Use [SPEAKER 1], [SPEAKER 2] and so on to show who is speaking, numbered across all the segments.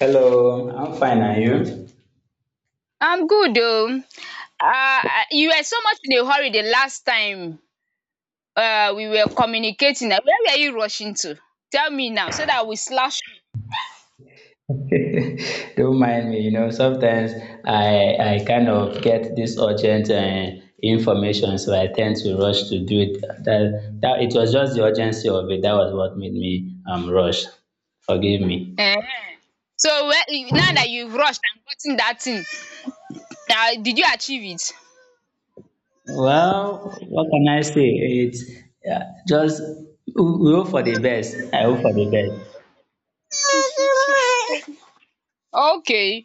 [SPEAKER 1] Hello, I'm fine, are you?
[SPEAKER 2] I'm good oh. Uh, you were so much in a hurry the last time we were communicating. Where were you rushing to? Tell me now so that we slash.
[SPEAKER 1] Don't mind me, you know, sometimes I kind of get this urgent information, so I tend to rush to do it. That it was just the urgency of it that was what made me rush. Forgive me.
[SPEAKER 2] Eh? So where, now that you've rushed and gotten that thing, did you achieve
[SPEAKER 1] Well, what can I say? It's yeah, just we hope for the best. I hope for the best.
[SPEAKER 2] it? Okay.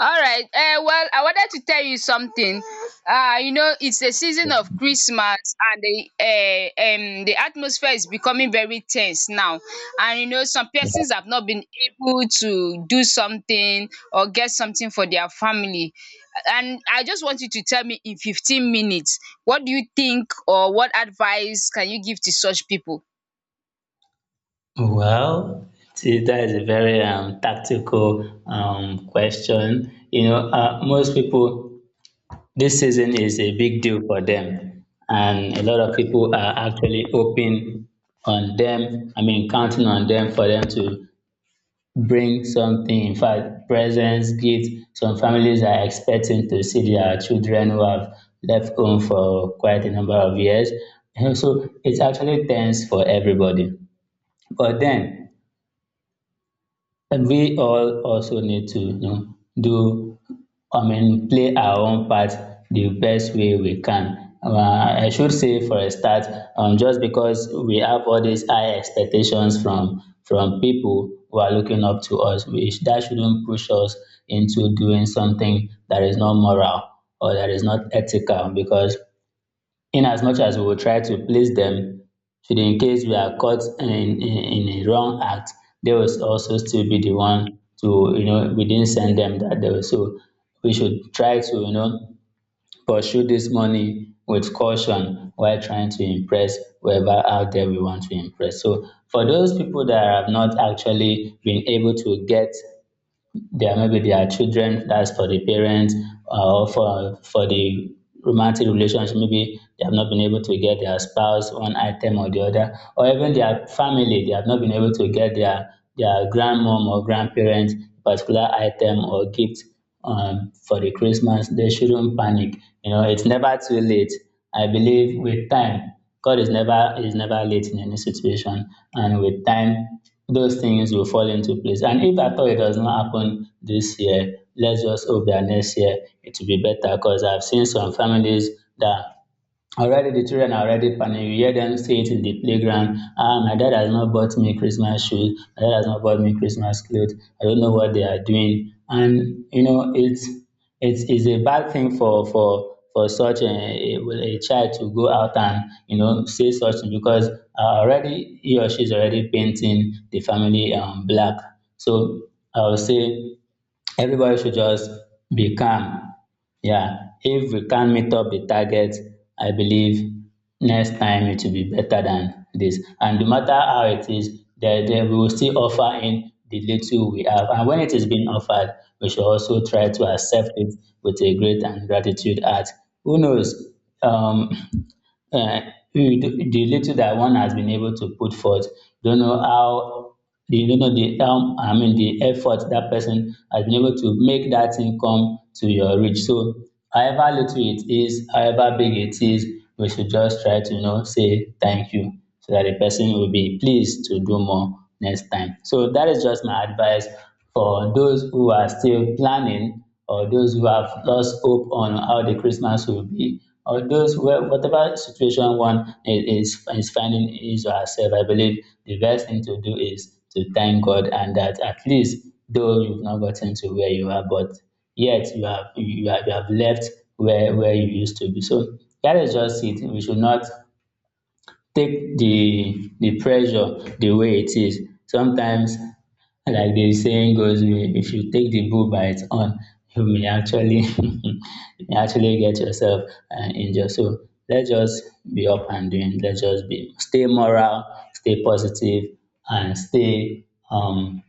[SPEAKER 2] All right. Well, I wanted to tell you something. You know, it's a season of Christmas, and the atmosphere is becoming very tense now. And you know, some persons have not been able to do something or get something for their family. And I just want you to tell me in 15 minutes, what do you think, or what advice can you give to such people?
[SPEAKER 1] Well, see, that is a very tactical question. You know, most people, this season is a big deal for them, and a lot of people are actually hoping on them. I mean, counting on them for them to bring something. In fact, presents, gifts. Some families are expecting to see their children who have left home for quite a number of years. And so it's actually tense for everybody. But then, and we all also need to, you know, do, I mean, play our own part the best way we can. I should say for a start, just because we have all these high expectations from people who are looking up to us, we, that shouldn't push us into doing something that is not moral or that is not ethical, because in as much as we will try to please them, should in case we are caught in, in a wrong act, they will also still be the one to, you know, we didn't send them that they. So we should try to, you know, pursue this money with caution while trying to impress whoever out there we want to impress. So for those people that have not actually been able to get their, maybe their children, that's for the parents, or for the romantic relationship, maybe they have not been able to get their spouse one item or the other, or even their family, they have not been able to get their grandmom or grandparents particular item or gift for the Christmas, they shouldn't panic. You know, it's never too late. I believe with time, God is never late in any situation, and with time, those things will fall into place. And if at all it does not happen this year, let's just hope that next year it will be better. Because I've seen some families that, already the children are already panicking. You hear them say it in the playground. Ah, my dad has not bought me Christmas shoes. My dad has not bought me Christmas clothes. I don't know what they are doing. And you know, it's a bad thing for such a child to go out and you know say such thing, because already he or she is already painting the family black. So I would say everybody should just be calm. Yeah, if we can meet up the target, I believe next time it will be better than this. And no matter how it is, there we will still offer in the little we have. And when it is being offered, we should also try to accept it with a great and gratitude heart. Who knows? Um, uh, the little that one has been able to put forth, don't know how the you know the I mean the effort that person has been able to make that thing come to your reach. So however little it is, however big it is, we should just try to you know say thank you, so that the person will be pleased to do more next time. So that is just my advice for those who are still planning, or those who have lost hope on how the Christmas will be, or those where whatever situation one is finding is or herself, I believe the best thing to do is to thank God and that at least though you've not gotten to where you are, but yet you have left where you used to be. So that is just it. We should not take the pressure the way it is. Sometimes, like the saying goes, if you take the bull by its horn, you may actually you may actually get yourself injured. So let's just be up and doing. Let's just be stay moral, stay positive, and stay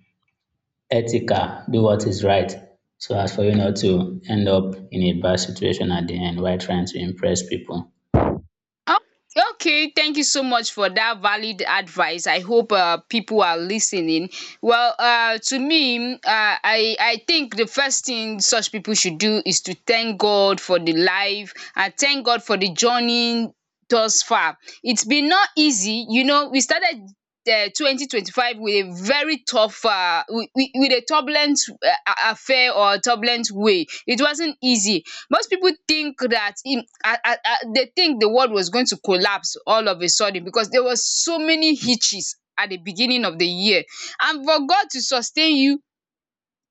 [SPEAKER 1] ethical. Do what is right. So as for you not to end up in a bad situation at the end while trying to impress people.
[SPEAKER 2] Oh, okay. Thank you so much for that valid advice. I hope people are listening. Well, to me, I think the first thing such people should do is to thank God for the life and thank God for the journey thus far. It's been not easy. We started 2025 with a very tough with a turbulent affair or turbulent way. It wasn't easy. Most people think dat im they think the world was going to collapse all of a sudden because there was so many hitches at the beginning of the year, and for God to sustain you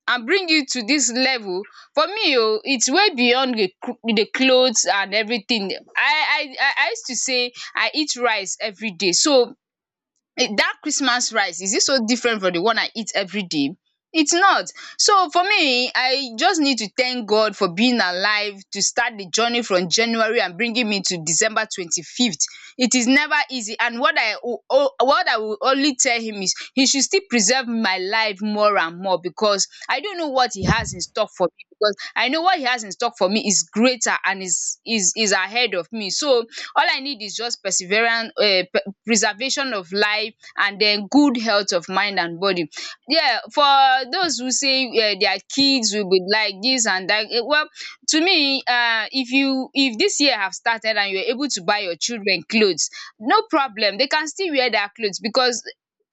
[SPEAKER 2] and bring you to this level for me oh, it's way beyond the cloth and everything. I used to say I eat rice everyday so eh, that Christmas rice, is it so different from the one I eat every day? It's not. So for me, I just need to thank God for being alive to start the journey from January and bringing me to December 25th. It is never easy. And what I will only tell him is he should still preserve my life more and more because I don't know what he has in stock for me. Because I know what he has in stock for me is greater and is ahead of me. So all I need is just perseverance, preservation of life, and then good health of mind and body, yeah, for those who say their kids will be like this and that, eh, well, to me, if this year have started and you are able to buy your children clothes, no problem, they can still wear their clothes because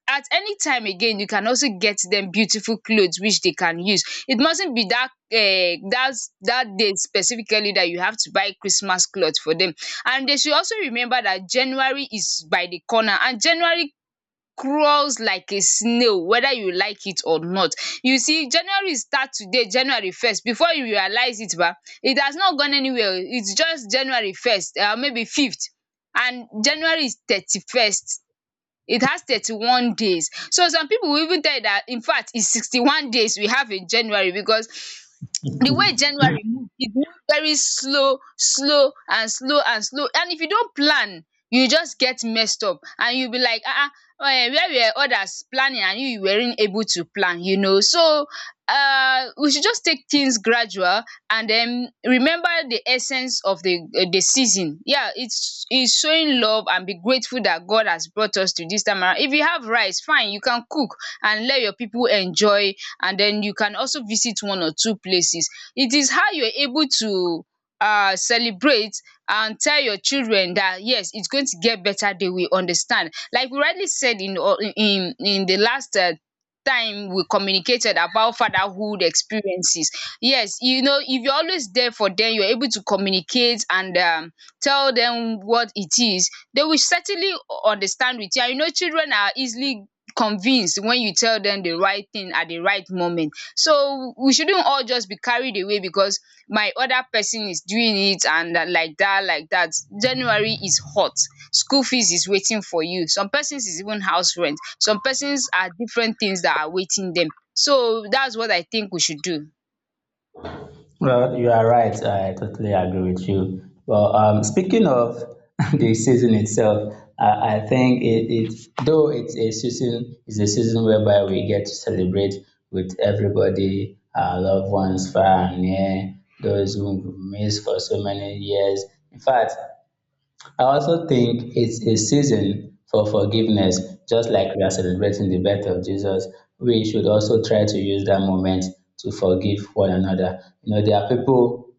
[SPEAKER 2] at any time again you can also get them beautiful clothes which they can use. It mustn't be that that day specifically that you have to buy Christmas clothes for them. And they should also remember that January is by the corner, and January crawls like a snail whether you like it or not. You see, January start today, January 1st, before you realize it ba, it has not gone anywhere oo, it's just January 1st maybe fifth, and January is 31st, it has 31 days. So some people will even tell you that infact it's 61 days we have in January, because the way january move, it move very slow slow and slow and slow, and if you don't plan, you just get messed up and you will be like where were others planning, and you weren't able to plan. So we should just take things gradual and then remember the essence of the season, yeah, it's showing love and be grateful that God has brought us to this time around. If you have rice fine you can cook and let your people enjoy, and then you can also visit one or two places. It is how you're able to celebrate and tell your children that yes its going to get better, they will understand. Like we rightly said in in the last time we communicated about fatherhood experiences. Yes, you know, if you're always there for them, you're able to communicate and tell them what it is, they will certainly understand with you, and you know children are easily convinced when you tell them the right thing at the right moment. So we shouldn't all just be carried away because my other person is doing it and like that, like that. January is hot. School fees is waiting for you. Some persons is even house rent. Some persons are different things that are waiting them. So that's what I think we should do.
[SPEAKER 1] Well, you are right. I totally agree with you. Well, speaking of the season itself, I think it, though it's a season, is a season whereby we get to celebrate with everybody, our loved ones far and near, those whom we've missed for so many years. In fact, I also think it's a season for forgiveness, just like we are celebrating the birth of Jesus. We should also try to use that moment to forgive one another. You know, there are people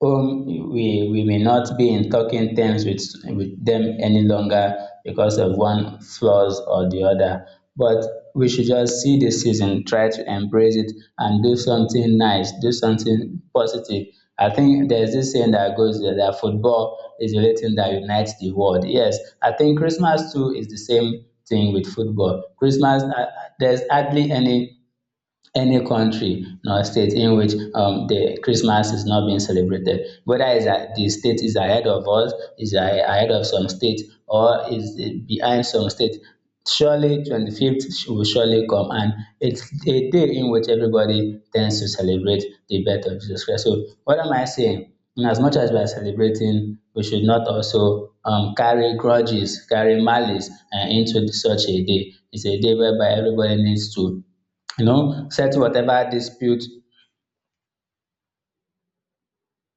[SPEAKER 1] whom we may not be in talking terms with them any longer because of one flaws or the other. But we should just see the season, try to embrace it, and do something nice, do something positive. I think there's this saying that goes that football is the only thing that unites the world. Yes, I think Christmas too is the same thing with football. Christmas, there's hardly any country or state in which the Christmas is not being celebrated, whether is that the state is ahead of us, is ahead of some state, or is behind some state, surely 25th will surely come, and it's a day in which everybody tends to celebrate the birth of Jesus Christ. So, what am I saying? In as much as we are celebrating, we should not also carry grudges, carry malice into such a day. It's a day whereby everybody needs to you know settle whatever dispute